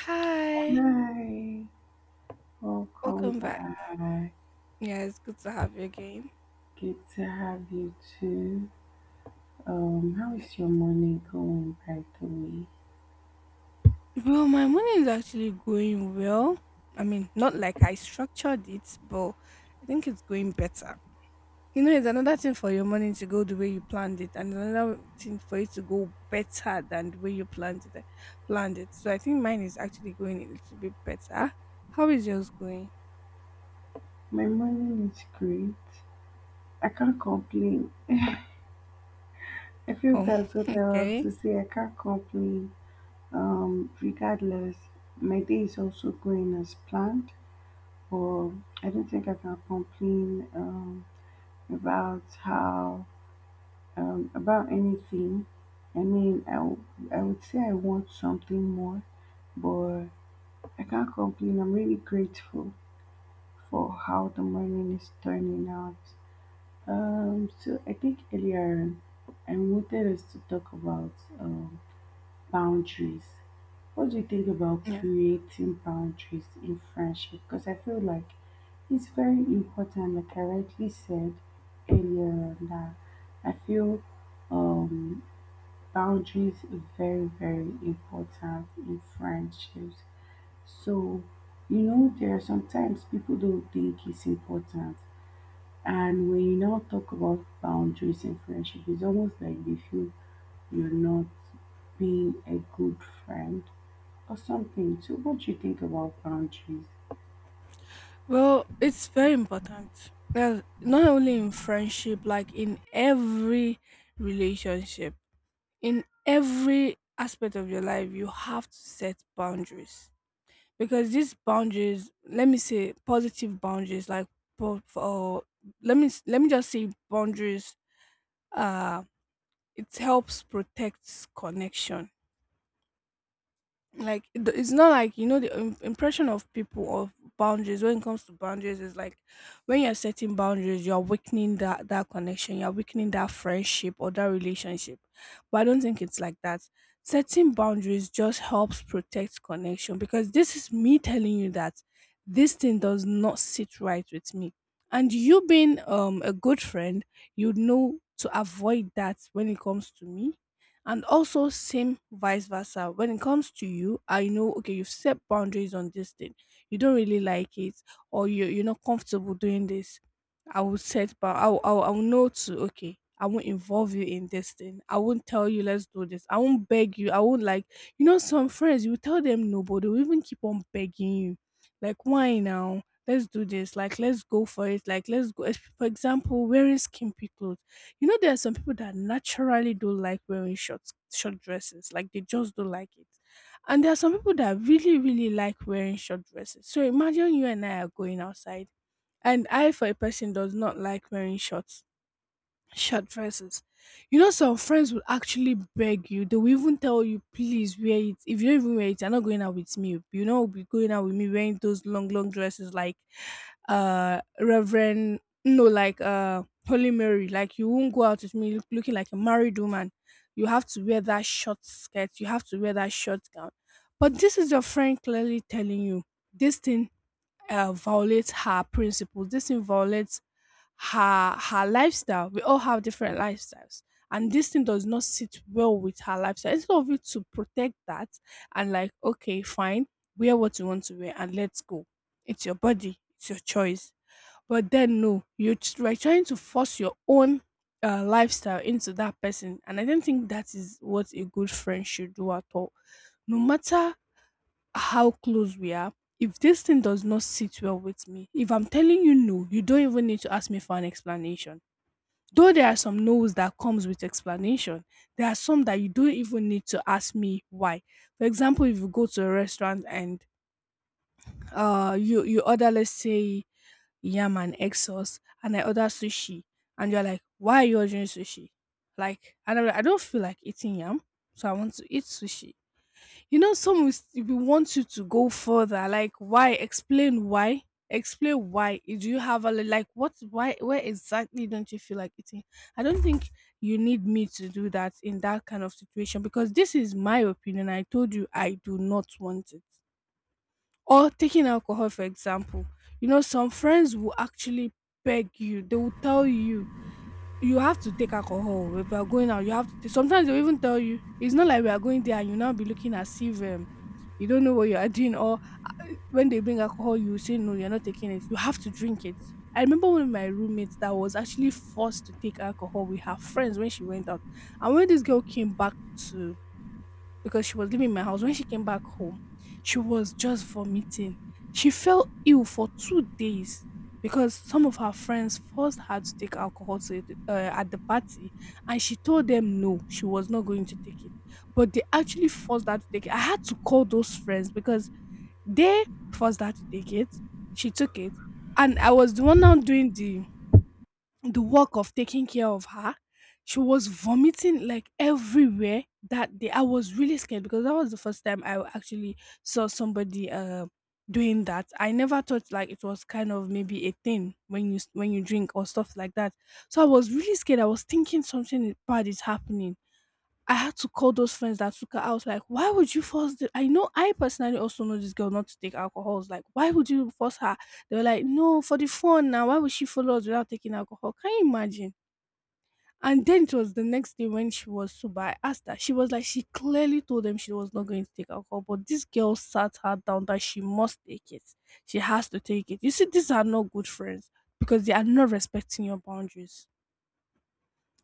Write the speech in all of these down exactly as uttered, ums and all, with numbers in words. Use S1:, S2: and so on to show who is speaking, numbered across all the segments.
S1: Hi,
S2: Hi, welcome
S1: welcome back.
S2: back.
S1: Yeah, it's good to have you again.
S2: Good to have you too. Um, how is your morning going, by the way?
S1: Well, my morning is actually going well. I mean, not like I structured it, but I think it's going better. You know, it's another thing for your morning to go the way you planned it, and another thing for it to go better than the way you planned it. Planned it. So I think mine is actually going a little bit better. How is yours going?
S2: My morning is great. I can't complain. I feel
S1: Oh,
S2: that's what I have
S1: okay.
S2: to say. I can't complain. Um, regardless, my day is also going as planned, but I don't think I can complain um, about how um, about anything. I mean, I, w- I would say I want something more. But I can't complain. I'm really grateful for how the morning is turning out. Um, so I think earlier on, I wanted us to talk about um, boundaries. What do you think about creating boundaries in friendship? Because I feel like it's very important, like I rightly said earlier on, that I feel um, boundaries is very, very important in friendships. So, you know, there are sometimes people don't think it's important. And when you now talk about boundaries in friendship, it's almost like they feel you're not being a good friend or something. So, what do you think about boundaries?
S1: Well, it's very important. Well, not only in friendship, like in every relationship, in every aspect of your life, you have to set boundaries. Because these boundaries, let me say positive boundaries, like for, for let me let me just say boundaries. Uh, it helps protect connection, like it- it's not like you know the im- impression of people of boundaries. When it comes to boundaries, is like when you're setting boundaries, you're weakening that that connection, you're weakening that friendship or that relationship. But I don't think it's like that. Setting boundaries just helps protect connection, because this is me telling you that this thing does not sit right with me, and you being um a good friend, you know to avoid that when it comes to me. And also, same vice versa. When it comes to you, I know, okay, you've set boundaries on this thing. You don't really like it, or you, you're not comfortable doing this. I will set, but I will, I will, I will know to, okay, I won't involve you in this thing. I won't tell you, let's do this. I won't beg you. I won't like, you know, some friends, you tell them no, but they'll even keep on begging you. Like, why now? Let's do this. Like, let's go for it. Like, let's go. es- For example, wearing skimpy clothes, you know, there are some people that naturally don't like wearing short short dresses. Like they just don't like it. And there are some people that really, really like wearing short dresses. So imagine you and I are going outside. And I, for a person, does not like wearing short Short dresses. You know, some friends will actually beg you. They will even tell you, please wear it. If you don't even wear it, you're not going out with me. You know, be going out with me wearing those long, long dresses, like uh Reverend, no, like uh Holy Mary. Like you won't go out with me look- looking like a married woman. You have to wear that short skirt, you have to wear that short gown. But this is your friend clearly telling you this thing uh, violate her principles. This thing violates her her lifestyle. We all have different lifestyles, and this thing does not sit well with her lifestyle. Instead of it to protect that and like, okay, fine, wear what you want to wear and let's go. It's your body, it's your choice. But then no, you're tr- you're trying to force your own uh, lifestyle into that person, and I don't think that is what a good friend should do at all, no matter how close we are. If this thing does not sit well with me, if I'm telling you no, you don't even need to ask me for an explanation. Though there are some no's that comes with explanation, there are some that you don't even need to ask me why. For example, if you go to a restaurant and uh you you order, let's say, yam and egg sauce, and I order sushi, and you're like, why are you ordering sushi? Like, and I'm like, I don't feel like eating yam, so I want to eat sushi. You know, some will, s- will want you to go further. Like, why? Explain why. Explain why. Do you have a li- like what? Why? Where exactly don't you feel like eating? I don't think you need me to do that in that kind of situation, because this is my opinion. I told you I do not want it. Or taking alcohol, for example. You know, some friends will actually beg you. They will tell you you have to take alcohol. If you are going out, you have to take, sometimes they'll even tell you. It's not like we are going there and you now be looking as if um, you don't know what you are doing, or uh, when they bring alcohol, you say no, you're not taking it. You have to drink it. I remember one of my roommates that was actually forced to take alcohol with her friends when she went out. And when this girl came back to because she was living in my house, when she came back home, she was just vomiting. She felt ill for two days because some of her friends forced her to take alcohol to, the- uh, at the party, and she told them no, she was not going to take it. But they actually forced her to take it. I had to call those friends because they forced her to take it. She took it, and I was the one now doing the the work of taking care of her. She was vomiting like everywhere that day. I was really scared because that was the first time I actually saw somebody uh, doing that. I never thought like it was kind of maybe a thing when you when you drink or stuff like that. So I was really scared. I was thinking something bad is happening. I had to call those friends that took her. I was like, why would you force the I know, I personally also know this girl not to take alcohol. I was like, why would you force her? They were like, no, for the fun now, why would she follow us without taking alcohol? Can you imagine? And then it was the next day when she was sober. I asked her. She was like, she clearly told them she was not going to take alcohol, but this girl sat her down that she must take it. She has to take it. You see, these are not good friends because they are not respecting your boundaries,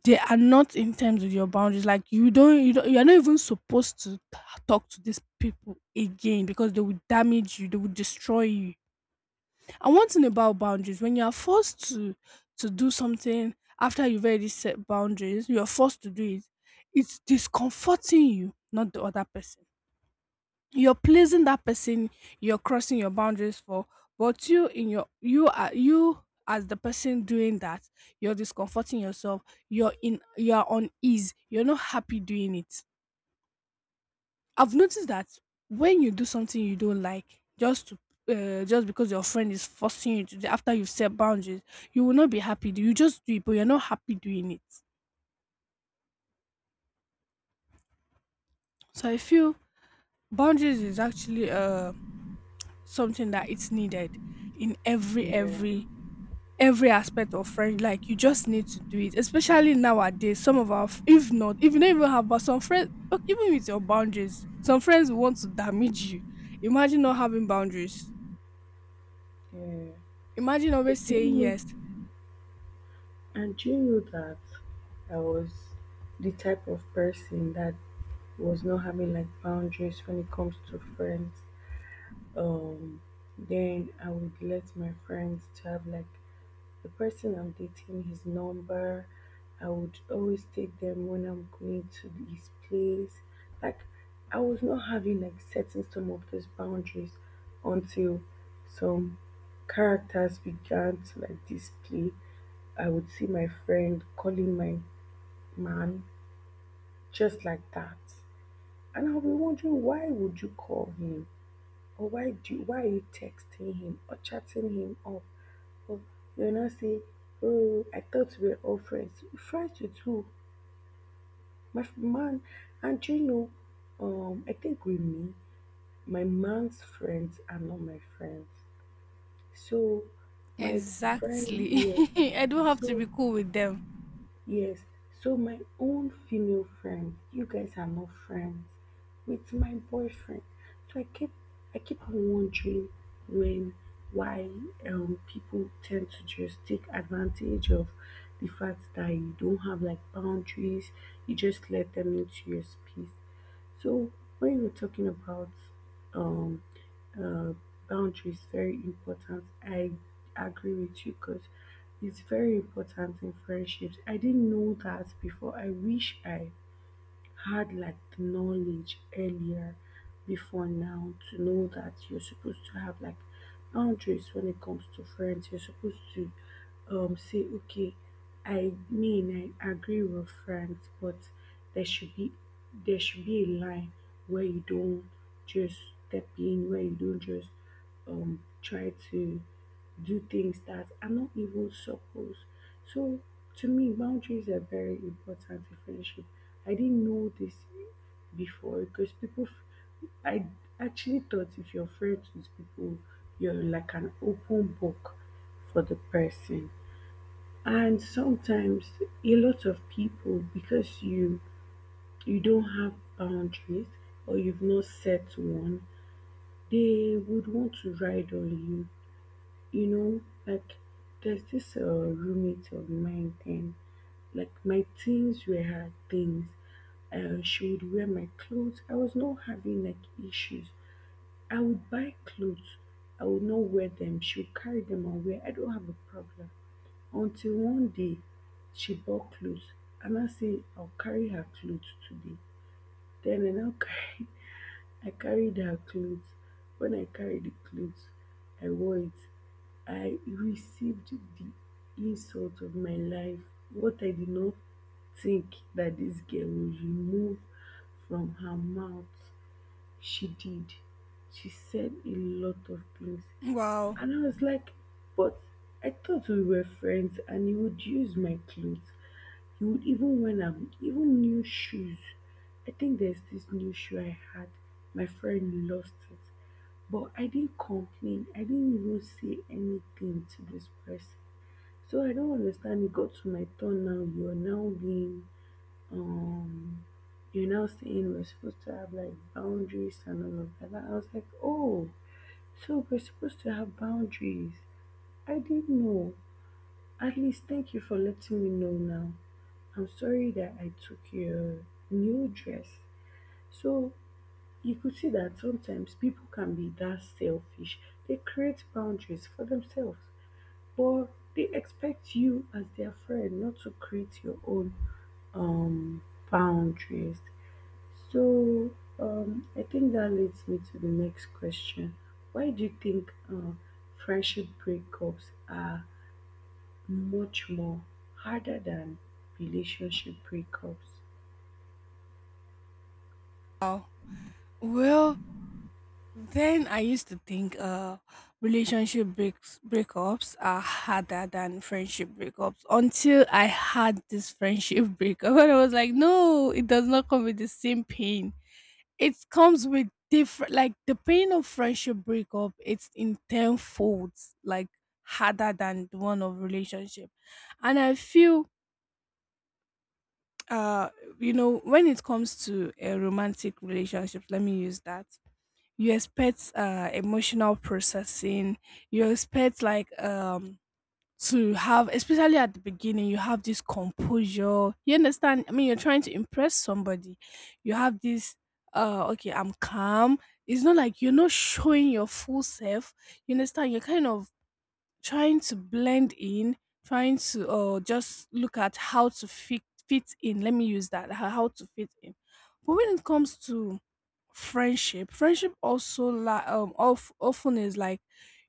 S1: they are not in terms with your boundaries. Like you don't, you don't, you are not even supposed to t- talk to these people again because they will damage you, they will destroy you. And one thing about boundaries, when you are forced to to do something after you've already set boundaries, you are forced to do it. It's discomforting you, not the other person. You're pleasing that person, you're crossing your boundaries for, but you in your you are you as the person doing that, you're discomforting yourself, you're in you're unease, you're not happy doing it. I've noticed that when you do something you don't like, just to uh, just because your friend is forcing you to do after you've set boundaries, you will not be happy. You just do it, but you're not happy doing it. So I feel boundaries is actually uh something that it's needed in every
S2: Yeah,
S1: every every aspect of friend, like you just need to do it, especially nowadays. Some of our f- if not, if you don't even have, but some friends, okay, even with your boundaries, some friends will want to damage you. Imagine not having boundaries.
S2: yeah,
S1: Imagine
S2: I
S1: always saying
S2: didn't know,
S1: yes.
S2: and do you know that I was the type of person that was not having like boundaries when it comes to friends. um then I would let my friends to have like the person I'm dating his number. I would always take them when I'm going to his place. Like, I was not having like setting some of those boundaries until some characters began to like display. I would see my friend calling my man just like that, and I'll be wondering, why would you call him? Or why do why are you texting him or chatting him up? Or you're not saying, oh, I thought we were all friends. Friends with who? My f- man. And do you know, um, I think with me, my man's friends are not my friends. So my friend,
S1: Exactly.
S2: yes.
S1: I don't have to
S2: So
S1: be cool with them.
S2: yes, so my own female friend, you guys are not friends with my boyfriend. So I keep I keep on wondering when, why um people tend to just take advantage of the fact that you don't have like boundaries, you just let them into your space. So when you're talking about um uh, boundary is very important. I agree with you because it's very important in friendships. I didn't know that before. I wish I had like the knowledge earlier before now to know that you're supposed to have like boundaries when it comes to friends. You're supposed to um say, okay, I mean, I agree with friends, but there should be there should be a line where you don't just step in, where you don't just um try to do things that are not even supposed. So to me, boundaries are very important in friendship. I didn't know this before because people, f- I actually thought if you're friends with people, you're like an open book for the person. And sometimes a lot of people, because you you don't have boundaries or you've not set one, they would want to ride on you, you know, like there's this uh, roommate of mine then, like my things were her things. Uh, she would wear my clothes. I was not having like issues. I would buy clothes. I would not wear them. She would carry them and wear. I don't have a problem. Until one day, she bought clothes. And I say, I'll carry her clothes today. Then I now carry I carried her clothes. When I carried the clothes, I wore it. I received the insult of my life. What I did not think that this girl would remove from her mouth, she did. She said a lot of things.
S1: Wow.
S2: And I was like, but I thought we were friends and you would use my clothes, you would even when I'm even new shoes. I think there's this new shoe I had. My friend lost it. But I didn't complain. I didn't even say anything to this person. So I don't understand. It got to my turn now. You're now being um you're now saying we're supposed to have like boundaries and all of that. I was like, oh, so we're supposed to have boundaries. I didn't know. At least thank you for letting me know now. I'm sorry that I took your new dress. So you could see that sometimes people can be that selfish. They create boundaries for themselves, but they expect you as their friend not to create your own um boundaries. So um I think that leads me to the next question. Why do you think uh, friendship breakups are much more harder than relationship breakups?
S1: Wow. Well, then I used to think uh, relationship breaks breakups are harder than friendship breakups, until I had this friendship breakup and I was like, no, it does not come with the same pain. It comes with different, like the pain of friendship breakup. It's in ten folds, like harder than the one of relationship, and I feel uh, you know, when it comes to a romantic relationship, let me use that. You expect uh emotional processing. You expect like um to have, especially at the beginning you have this composure, you understand. I mean, you're trying to impress somebody. You have this uh okay, I'm calm. It's not like you're not showing your full self, you understand. You're kind of trying to blend in, trying to uh just look at how to fit fit in Let me use that, how how to fit in. But when it comes to friendship friendship also, like um of, often is like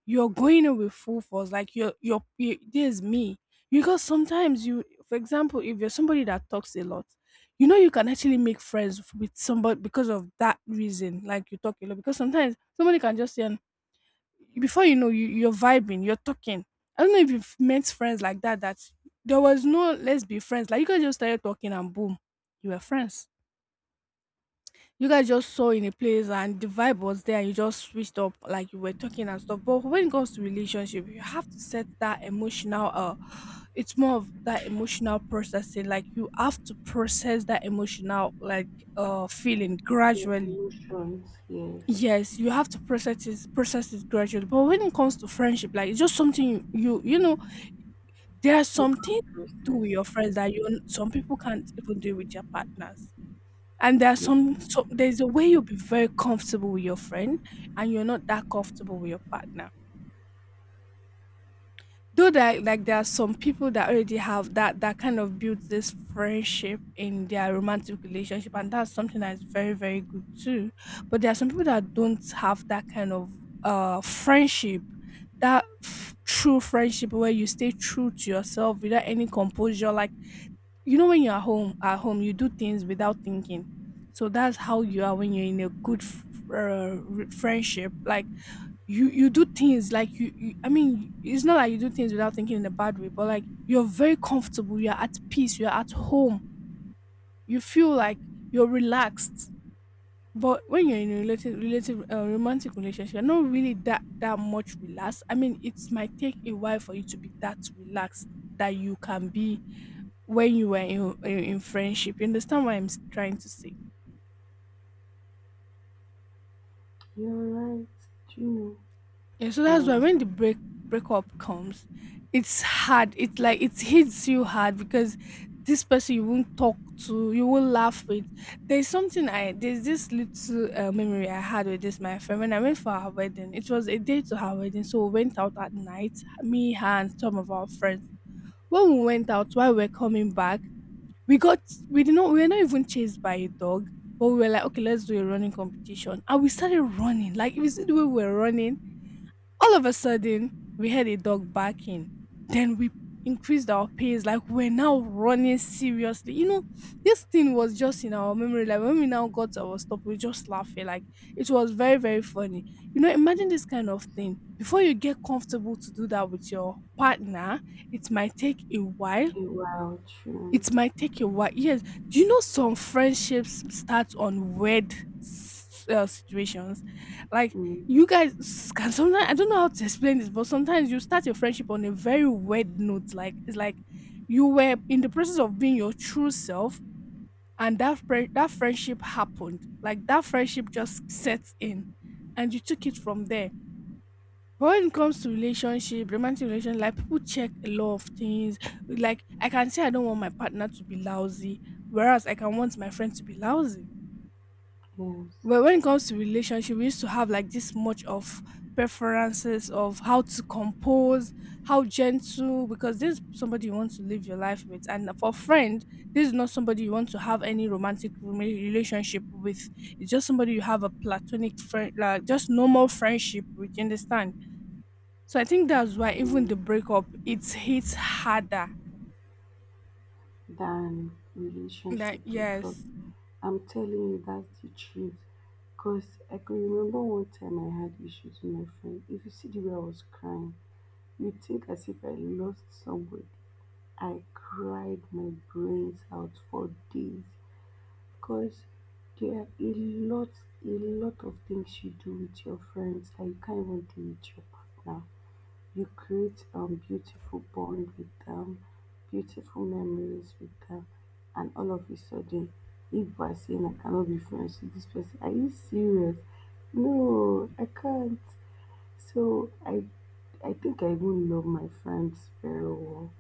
S1: you're going in with full force, like you're you're you, there's me. Because sometimes you, for example, if you're somebody that talks a lot, you know you can actually make friends with somebody because of that reason, like you talk a lot. Because sometimes somebody can just say, and before you know you, you're vibing, you're talking. I don't know if you've met friends like that that There was no let's be friends, like you guys just started talking and boom, you were friends. You guys just saw in a place and the vibe was there and you just switched up, like you were talking and stuff. But when it comes to relationship, you have to set that emotional uh it's more of that emotional processing, like you have to process that emotional like uh Feeling
S2: The
S1: gradually.
S2: emotions, yes.
S1: Yes, you have to process it process it gradually. But when it comes to friendship, like it's just something you you, you know, there are
S2: You
S1: some things to do with your friends that you, some people can't even do with their partners. And there are some, so there's a way you'll be very comfortable with your friend, and you're not that comfortable with your partner. Though that, like there are some people that already have that that kind of built this friendship in their romantic relationship, and that's something that is very, very good too. But there are some people that don't have that kind of uh friendship, that f- true friendship where you stay true to yourself without any composure. Like you know, when you're at home at home you do things without thinking. So that's how you are when you're in a good f- uh, r- friendship. Like you you do things like you, you I mean, it's not like you do things without thinking in a bad way, but like you're very comfortable, you're at peace, you're at home. You feel like you're relaxed. But when you're in a relative, relative uh, romantic relationship, you're not really that that much relaxed. I mean, it might take a while for you to be that relaxed that you can be when you were in, in, in friendship. You understand what I'm s- trying to say?
S2: You're right, true.
S1: Yeah, so that's why when the
S2: Um,
S1: break breakup comes, it's hard. It's like it hits you hard because this person you won't talk to, you won't laugh with. There's something I there's this little uh, memory I had with this my friend when I went for her wedding. It was a day to her wedding, so we went out at night. Me, her, and some of our friends. When we went out, while we were coming back, we got, we did not we were not even chased by a dog, but we were like, okay, let's do a running competition. And we started running. Like if you see the way we were running, all of a sudden we had a dog barking. Then we increased our pace. Like we're now running seriously. You know, this thing was just in our memory. Like when we now got to our stop, we just laughing. Like it was very, very funny. You know, imagine this kind of thing. Before you get comfortable to do that with your partner, it might take a while.
S2: a wild true.
S1: It might take a while. Yes. Do you know some friendships start on weird s- uh, situations? Like
S2: Mm,
S1: you guys, s- can, sometimes I don't know how to explain this, but sometimes you start your friendship on a very weird note. Like it's like you were in the process of being your true self, and that fri- that friendship happened. Like that friendship just sets in, and you took it from there. When it comes to relationship, romantic relationship, like people check a lot of things. Like I can say I don't want my partner to be lousy, whereas I can want my friend to be lousy.
S2: yes.
S1: But when it comes to relationship, we used to have like this much of preferences of how to compose, how gentle, because this is somebody you want to live your life with. And for friend, this is not somebody you want to have any romantic rela- relationship with. It's just somebody you have a platonic friend, like just normal friendship with, you understand? So I think that's why even the
S2: Yeah.
S1: breakup it hits harder.
S2: Than
S1: That,
S2: relationship breakup.
S1: yes.
S2: I'm telling you that's the truth. Cause I can remember one time I had issues with my friend. If you see the way I was crying, you think as if I lost somebody. I cried my brains out for days. Because there are a lot a lot of things you do with your friends that you can't even do with your partner. You create um beautiful bond with them, beautiful memories with them, and all of a sudden, if by saying I cannot be friends with this person, are you serious? No, I can't. So I I think I even love my friends very well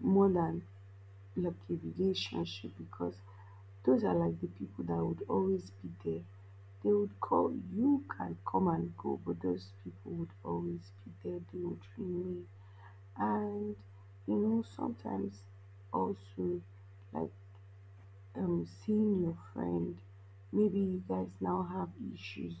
S2: more than like a relationship because those are like the people that would always be there. They would call, you can come and go, but those people would always be there, they would remain. And you know, sometimes also like um seeing your friend, maybe you guys now have issues.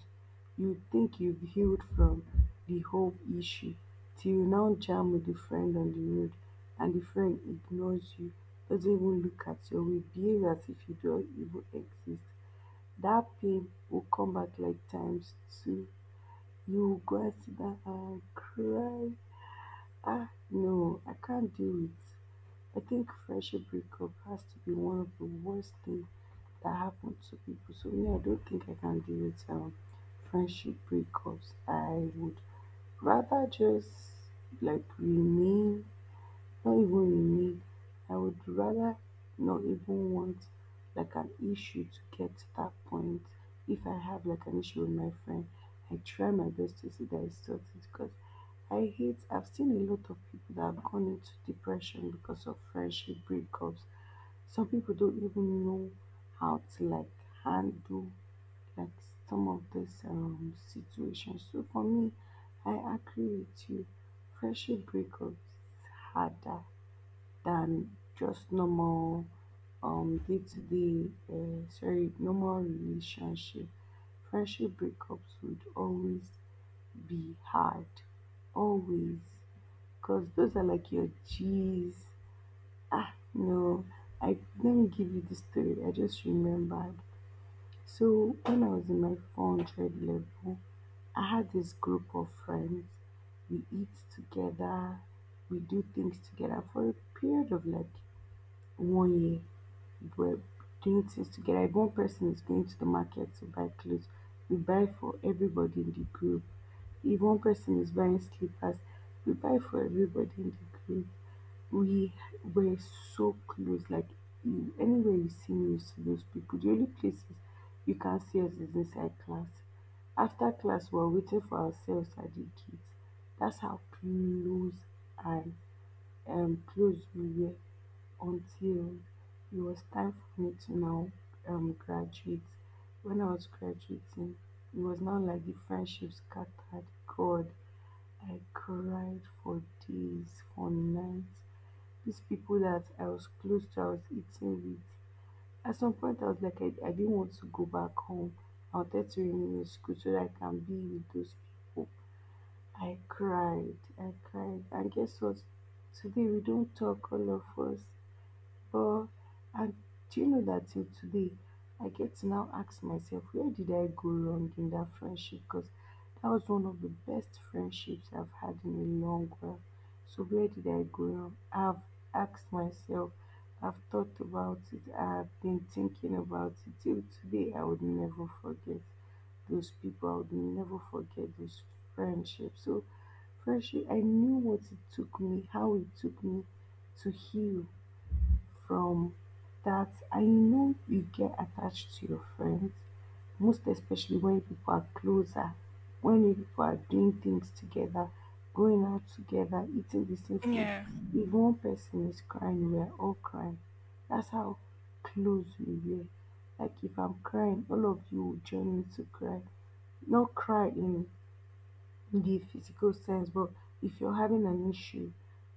S2: You think you've healed from the whole issue till you now jam with the friend on the road and the friend ignores you, doesn't even look at you, will behave as if you don't even exist. That pain will come back like times two. You will go and sit down and cry. Ah, no, I can't do it. I think friendship breakup has to be one of the worst things that happen to people. So me, I don't think I can do it. Um, friendship breakups, I would rather just like remain not even in need. I would rather not even want like an issue to get to that point. If I have like an issue with my friend, I try my best to see that it's sorted because I hate I've seen a lot of people that have gone into depression because of friendship breakups. Some people don't even know how to like handle like some of this um situations. So for me, I agree with you. Friendship breakups is harder than just normal um day-to-day uh, sorry normal relationship friendship breakups would always be hard, always, because those are like your g's. Ah, no, I let me give you the story I just remembered. So when I was in my four hundred level, I had this group of friends. We eat together, we do things together for a period of like one year. We're doing things together. If one person is going to the market to buy clothes, we buy for everybody in the group. If one person is buying slippers, we buy for everybody in the group. We were so close. Like anywhere you see me, you see those people. The only places you can see us is inside class. After class, we are waiting for ourselves at the kids. That's how close and um, close we were until it was time for me to now um, graduate. When I was graduating, it was now like the friendship scattered. God, I cried for days, for nights. These people that I was close to, I was eating with. At some point, I was like, I, I didn't want to go back home. I wanted to remain in school so that I can be with those people. I cried, I cried. And guess what? Today, we don't talk, all of us. Uh, and do you know that till today, I get to now ask myself, where did I go wrong in that friendship? Because that was one of the best friendships I've had in a long while. So where did I go wrong? I've asked myself, I've thought about it, I've been thinking about it. Till today, I would never forget those people. I would never forget those friendships. So friendship, I knew what it took me, how it took me to heal from that. I know you get attached to your friends, most especially when people are closer, when you people are doing things together, going out together, eating the same food.
S1: Yeah.
S2: If one person is crying, we are all crying. That's how close we were. Like if I'm crying, all of you will join me to cry. Not cry in the physical sense, but if you're having an issue,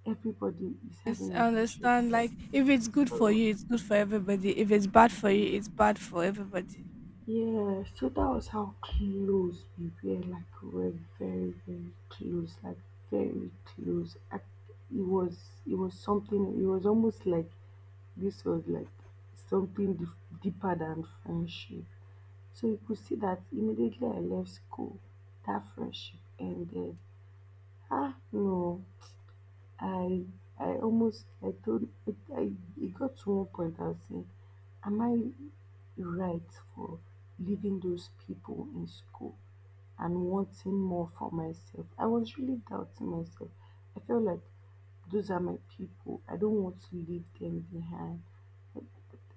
S2: everybody is
S1: Yes,
S2: having
S1: I
S2: an issue
S1: understand.
S2: at that.
S1: Like if it's good for
S2: So
S1: you, it's good for everybody. If it's bad for you, it's bad for everybody.
S2: Yeah, so that was how close we were. Like we were very, very close. Like very close. I, it was, it was something. It was almost like this was like something dif- deeper than friendship. So you could see that immediately I left school, that friendship ended. Ah, no, I, I almost, I told, I, I, it got to one point. I was saying, am I right for leaving those people in school and wanting more for myself? I was really doubting myself. I felt like those are my people. I don't want to leave them behind.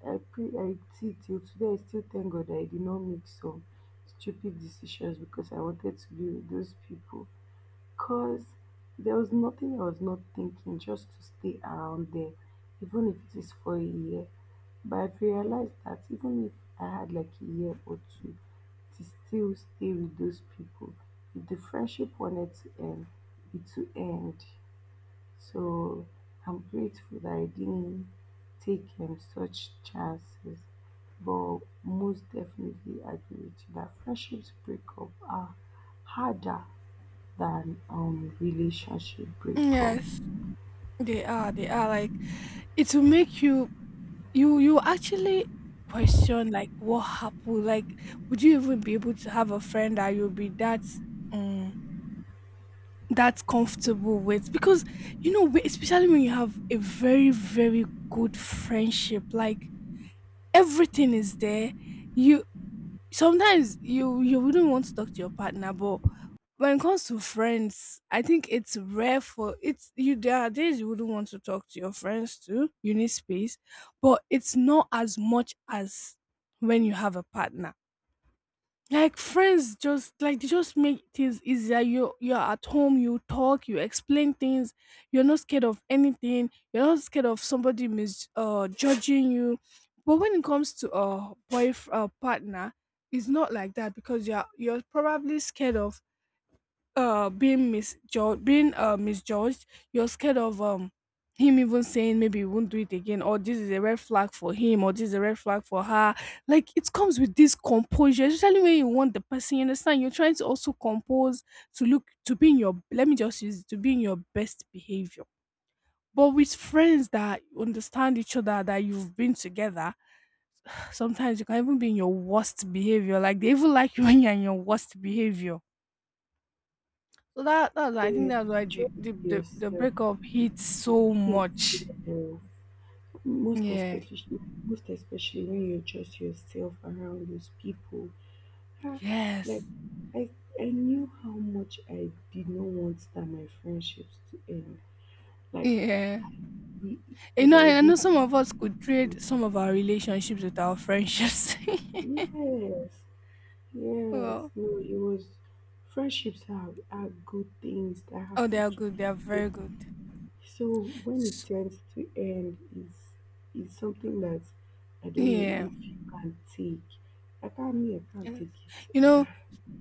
S2: I pray I see till today I still thank God that I did not make some stupid decisions because I wanted to be with those people. Cause there was nothing I was not thinking just to stay around there, even if it is for a year. But I've realized that even if I had like a year or two to still stay with those people, if the friendship wanted to end, it to end. So I'm grateful that I didn't take um, such chances. But most definitely agree with you that friendships break up are harder than um relationship breakup.
S1: Yes. They are. They are like it will make you, you you actually question like what happened. Like would you even be able to have a friend that you'll be that um that comfortable with? Because you know, we- especially when you have a very, very good friendship, like everything is there. You, sometimes you you wouldn't want to talk to your partner, but when it comes to friends, I think it's rare for it's you, there are days you wouldn't want to talk to your friends too. You need space, but it's not as much as when you have a partner. Like friends just, like they just make things easier. You you're at home, you talk, you explain things, you're not scared of anything, you're not scared of somebody mis uh judging you. But when it comes to a boy uh, partner, it's not like that because you're you're probably scared of uh being misjudged, being uh misjudged. You're scared of um him even saying maybe he won't do it again, or this is a red flag for him, or this is a red flag for her. Like it comes with this composure, especially when you want the person, you understand, you're trying to also compose to look, to be in your, let me just use it, to be in your best behavior. But with friends that understand each other, that you've been together, sometimes you can even be in your worst behavior, like they even like you when you're in your worst behavior. So that, that's, I think
S2: Yes,
S1: that's why the
S2: trust
S1: the the, the
S2: yourself.
S1: breakup hits so
S2: Hmm.
S1: much.
S2: Yourself. most
S1: Yeah.
S2: especially most especially when you trust yourself around those people. Ah, like
S1: Yes.
S2: i i knew how much I did not want that my friendships to end. Like
S1: Yeah.
S2: we,
S1: You
S2: I,
S1: know,
S2: there
S1: I I
S2: was no.
S1: know some of us could trade some of our relationships with our friendships.
S2: Yes, yes,
S1: Well,
S2: no, it was, friendships are, are good things that
S1: oh, they
S2: happen
S1: are
S2: to
S1: good. They are
S2: people.
S1: very good.
S2: So when it
S1: S-
S2: tends to end, is is something that I don't know
S1: yeah.
S2: if you can take. I can't me, I can't
S1: Yes.
S2: take
S1: You
S2: it.
S1: know,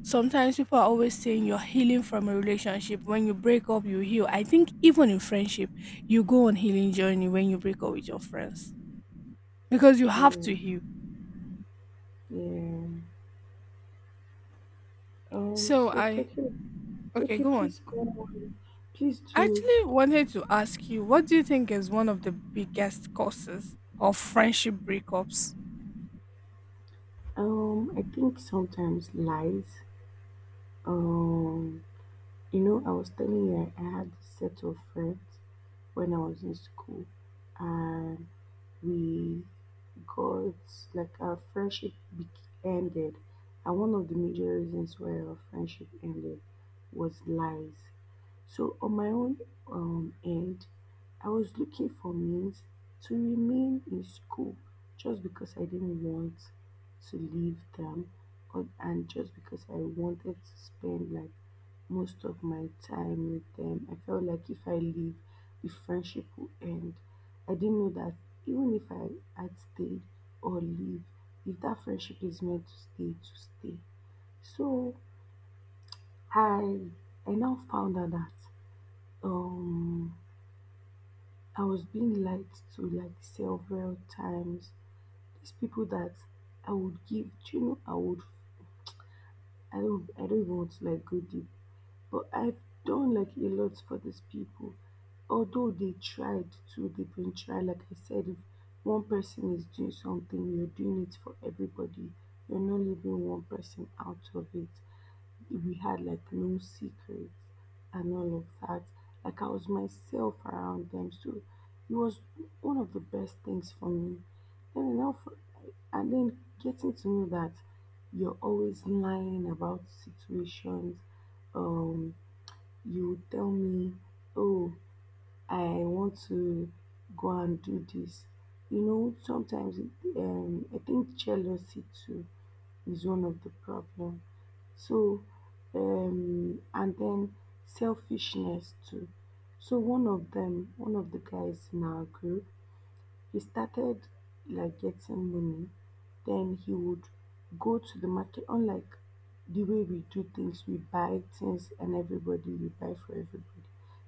S1: sometimes people are always saying you're healing from a relationship. When you break up, you heal. I think even in friendship, you go on healing journey when you break up with your friends because you have
S2: Yeah,
S1: to heal.
S2: yeah. Um,
S1: So
S2: so
S1: I,
S2: talking.
S1: okay,
S2: Okay,
S1: go on.
S2: please go on. Please
S1: I
S2: do.
S1: actually wanted to ask you, what do you think is one of the biggest causes of friendship breakups?
S2: Um, I think sometimes lies. Um, you know, I was telling you I I had a set of friends when I was in school, and we because like our friendship ended, and one of the major reasons why our friendship ended was lies. So, on my own um, end, I was looking for means to remain in school just because I didn't want to leave them, or, and just because I wanted to spend like most of my time with them. I felt like if I leave, the friendship will end. I didn't know that even if I had stayed or leave, if that friendship is meant to stay, to stay. So I I now found out that um I was being lied to like several times. These people that I would give, do you know, I would, I don't, I don't even want to like go deep, but I've done like a lot for these people. Although they tried to, they've been tried. Like I said, if one person is doing something, you're doing it for everybody. You're not leaving one person out of it. We had like no secrets and all of that. Like I was myself around them, so it was one of the best things for me. Then enough, and then getting to know that you're always lying about situations. Um, you would tell me, "Oh, I want to go and do this." You know, sometimes it, um, I think jealousy too is one of the problem. So, um, and then selfishness too. So one of them, one of the guys in our group, he started like getting money. Then he would go to the market, unlike the way we do things, we buy things and everybody, we buy for everybody.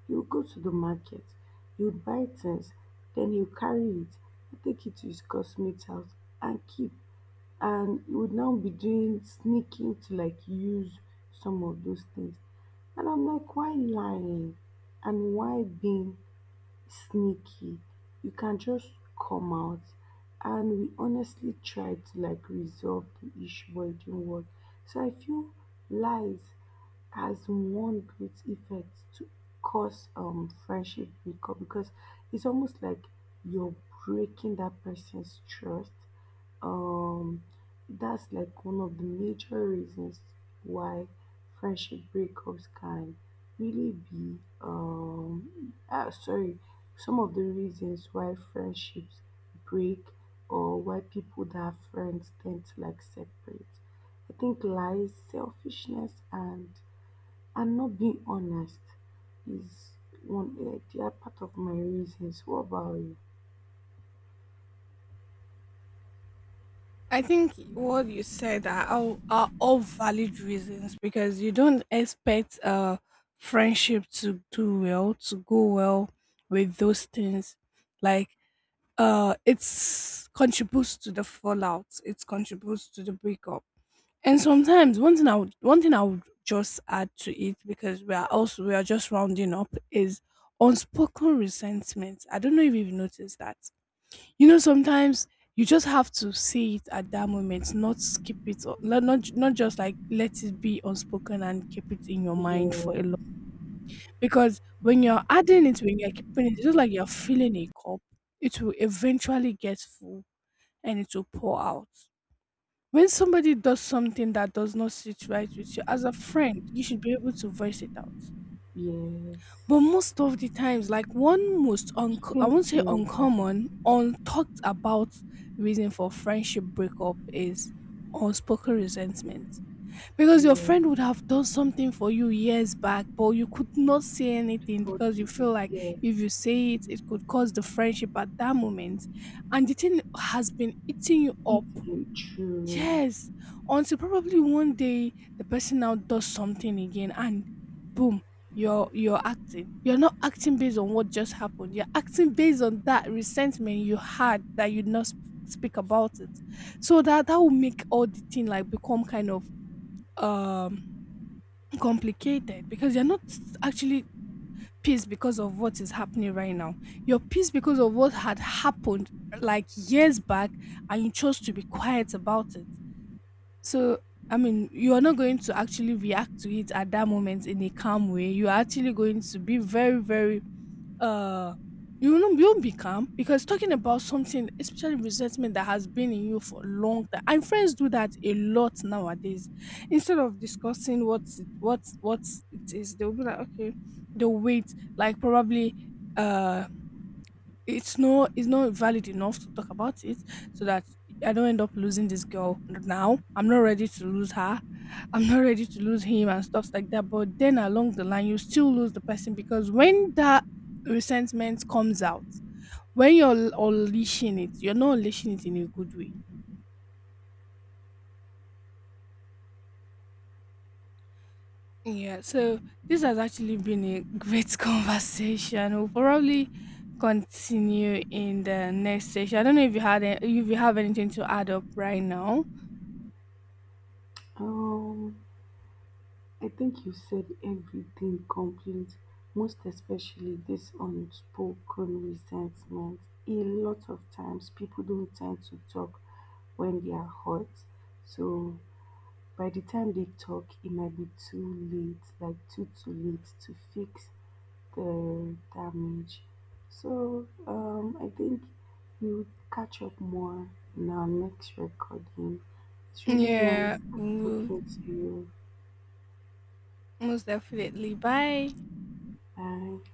S2: He would go to the market, he would buy things, then he would carry it, he'd take it to his cosmate house and keep, and you would now be doing sneaking to like use some of those things. And I'm like, why lying? And why being sneaky? You can just come out. And we honestly tried to like resolve the issue, but it didn't work. So I feel lies has one great effect to cause um friendship breakup, because it's almost like you're breaking that person's trust. um that's like one of the major reasons why friendship breakups can really be um ah, sorry, some of the reasons why friendships break, or why people that are friends tend to like separate. I think lies, selfishness and and not being honest is one. Uh, they are part of my reasons. What about you?
S1: I think what you said are all, are all valid reasons, because you don't expect a friendship to do well, to go well with those things. Like, uh, it's contributes to the fallout. It contributes to the breakup. And sometimes one thing I would one thing I would just add to it, because we are also, we are just rounding up, is unspoken resentment. I don't know if you've noticed that. You know, sometimes you just have to say it at that moment, not skip it, or not not not just like let it be unspoken and keep it in your mind for a long.
S2: Yeah,
S1: Because when you're adding it, when you're keeping it, it's just like you're filling a cup. It will eventually get full, and it will pour out. When somebody does something that does not sit right with you, as a friend, you should be able to voice it out.
S2: yes,
S1: But most of the times, like one most, un- I
S2: keeping
S1: won't
S2: it
S1: say
S2: in your mind.
S1: uncommon, untalked about reason for friendship breakup is unspoken resentment. Because your friend
S2: You
S1: would have done something for you years back, but you could not say anything because you
S2: forgive.
S1: feel like
S2: Yes,
S1: if you say it, it could cause the friendship at that moment. And the thing has been eating you up.
S2: it's very true.
S1: Yes, until probably one day the person now does something again, and boom, you're you're acting. You're not acting based on what just happened. You're acting based on that resentment you had that you not sp- speak about it. So that, that will make all the thing like become kind of um complicated, because you're not actually pissed because of what is happening right now. You're pissed because of what had happened like years back, and you chose to be quiet about it. So, I mean, you are not going to actually react to it at that moment in a calm way. You are actually going to be very, very uh you will not, you won't be calm, because talking about something, especially resentment that has been in you for a long time. And friends do that a lot nowadays. Instead of discussing what's it what what it is, they'll be like, okay, they'll wait, like probably uh it's not, it's not valid enough to talk about it, so that I don't end up losing this girl now. I'm not ready to lose her. I'm not ready to lose him and stuff like that. But then along the line, you still lose the person, because when that resentment comes out, when you're l- unleashing it, you're not unleashing it in a good way. Yeah, so this has actually been a great conversation. We'll probably continue in the next session. I don't know if you had a- if you have anything to add up right now.
S2: Um, I think you said everything complete, most especially this unspoken resentment. A lot of times, people don't tend to talk when they are hurt. So by the time they talk, it might be too late, like too too late to fix the damage. So um, I think we would catch up more in our next recording. It's really nice
S1: Yeah, mo
S2: talking to you.
S1: most definitely. Bye.
S2: Bye.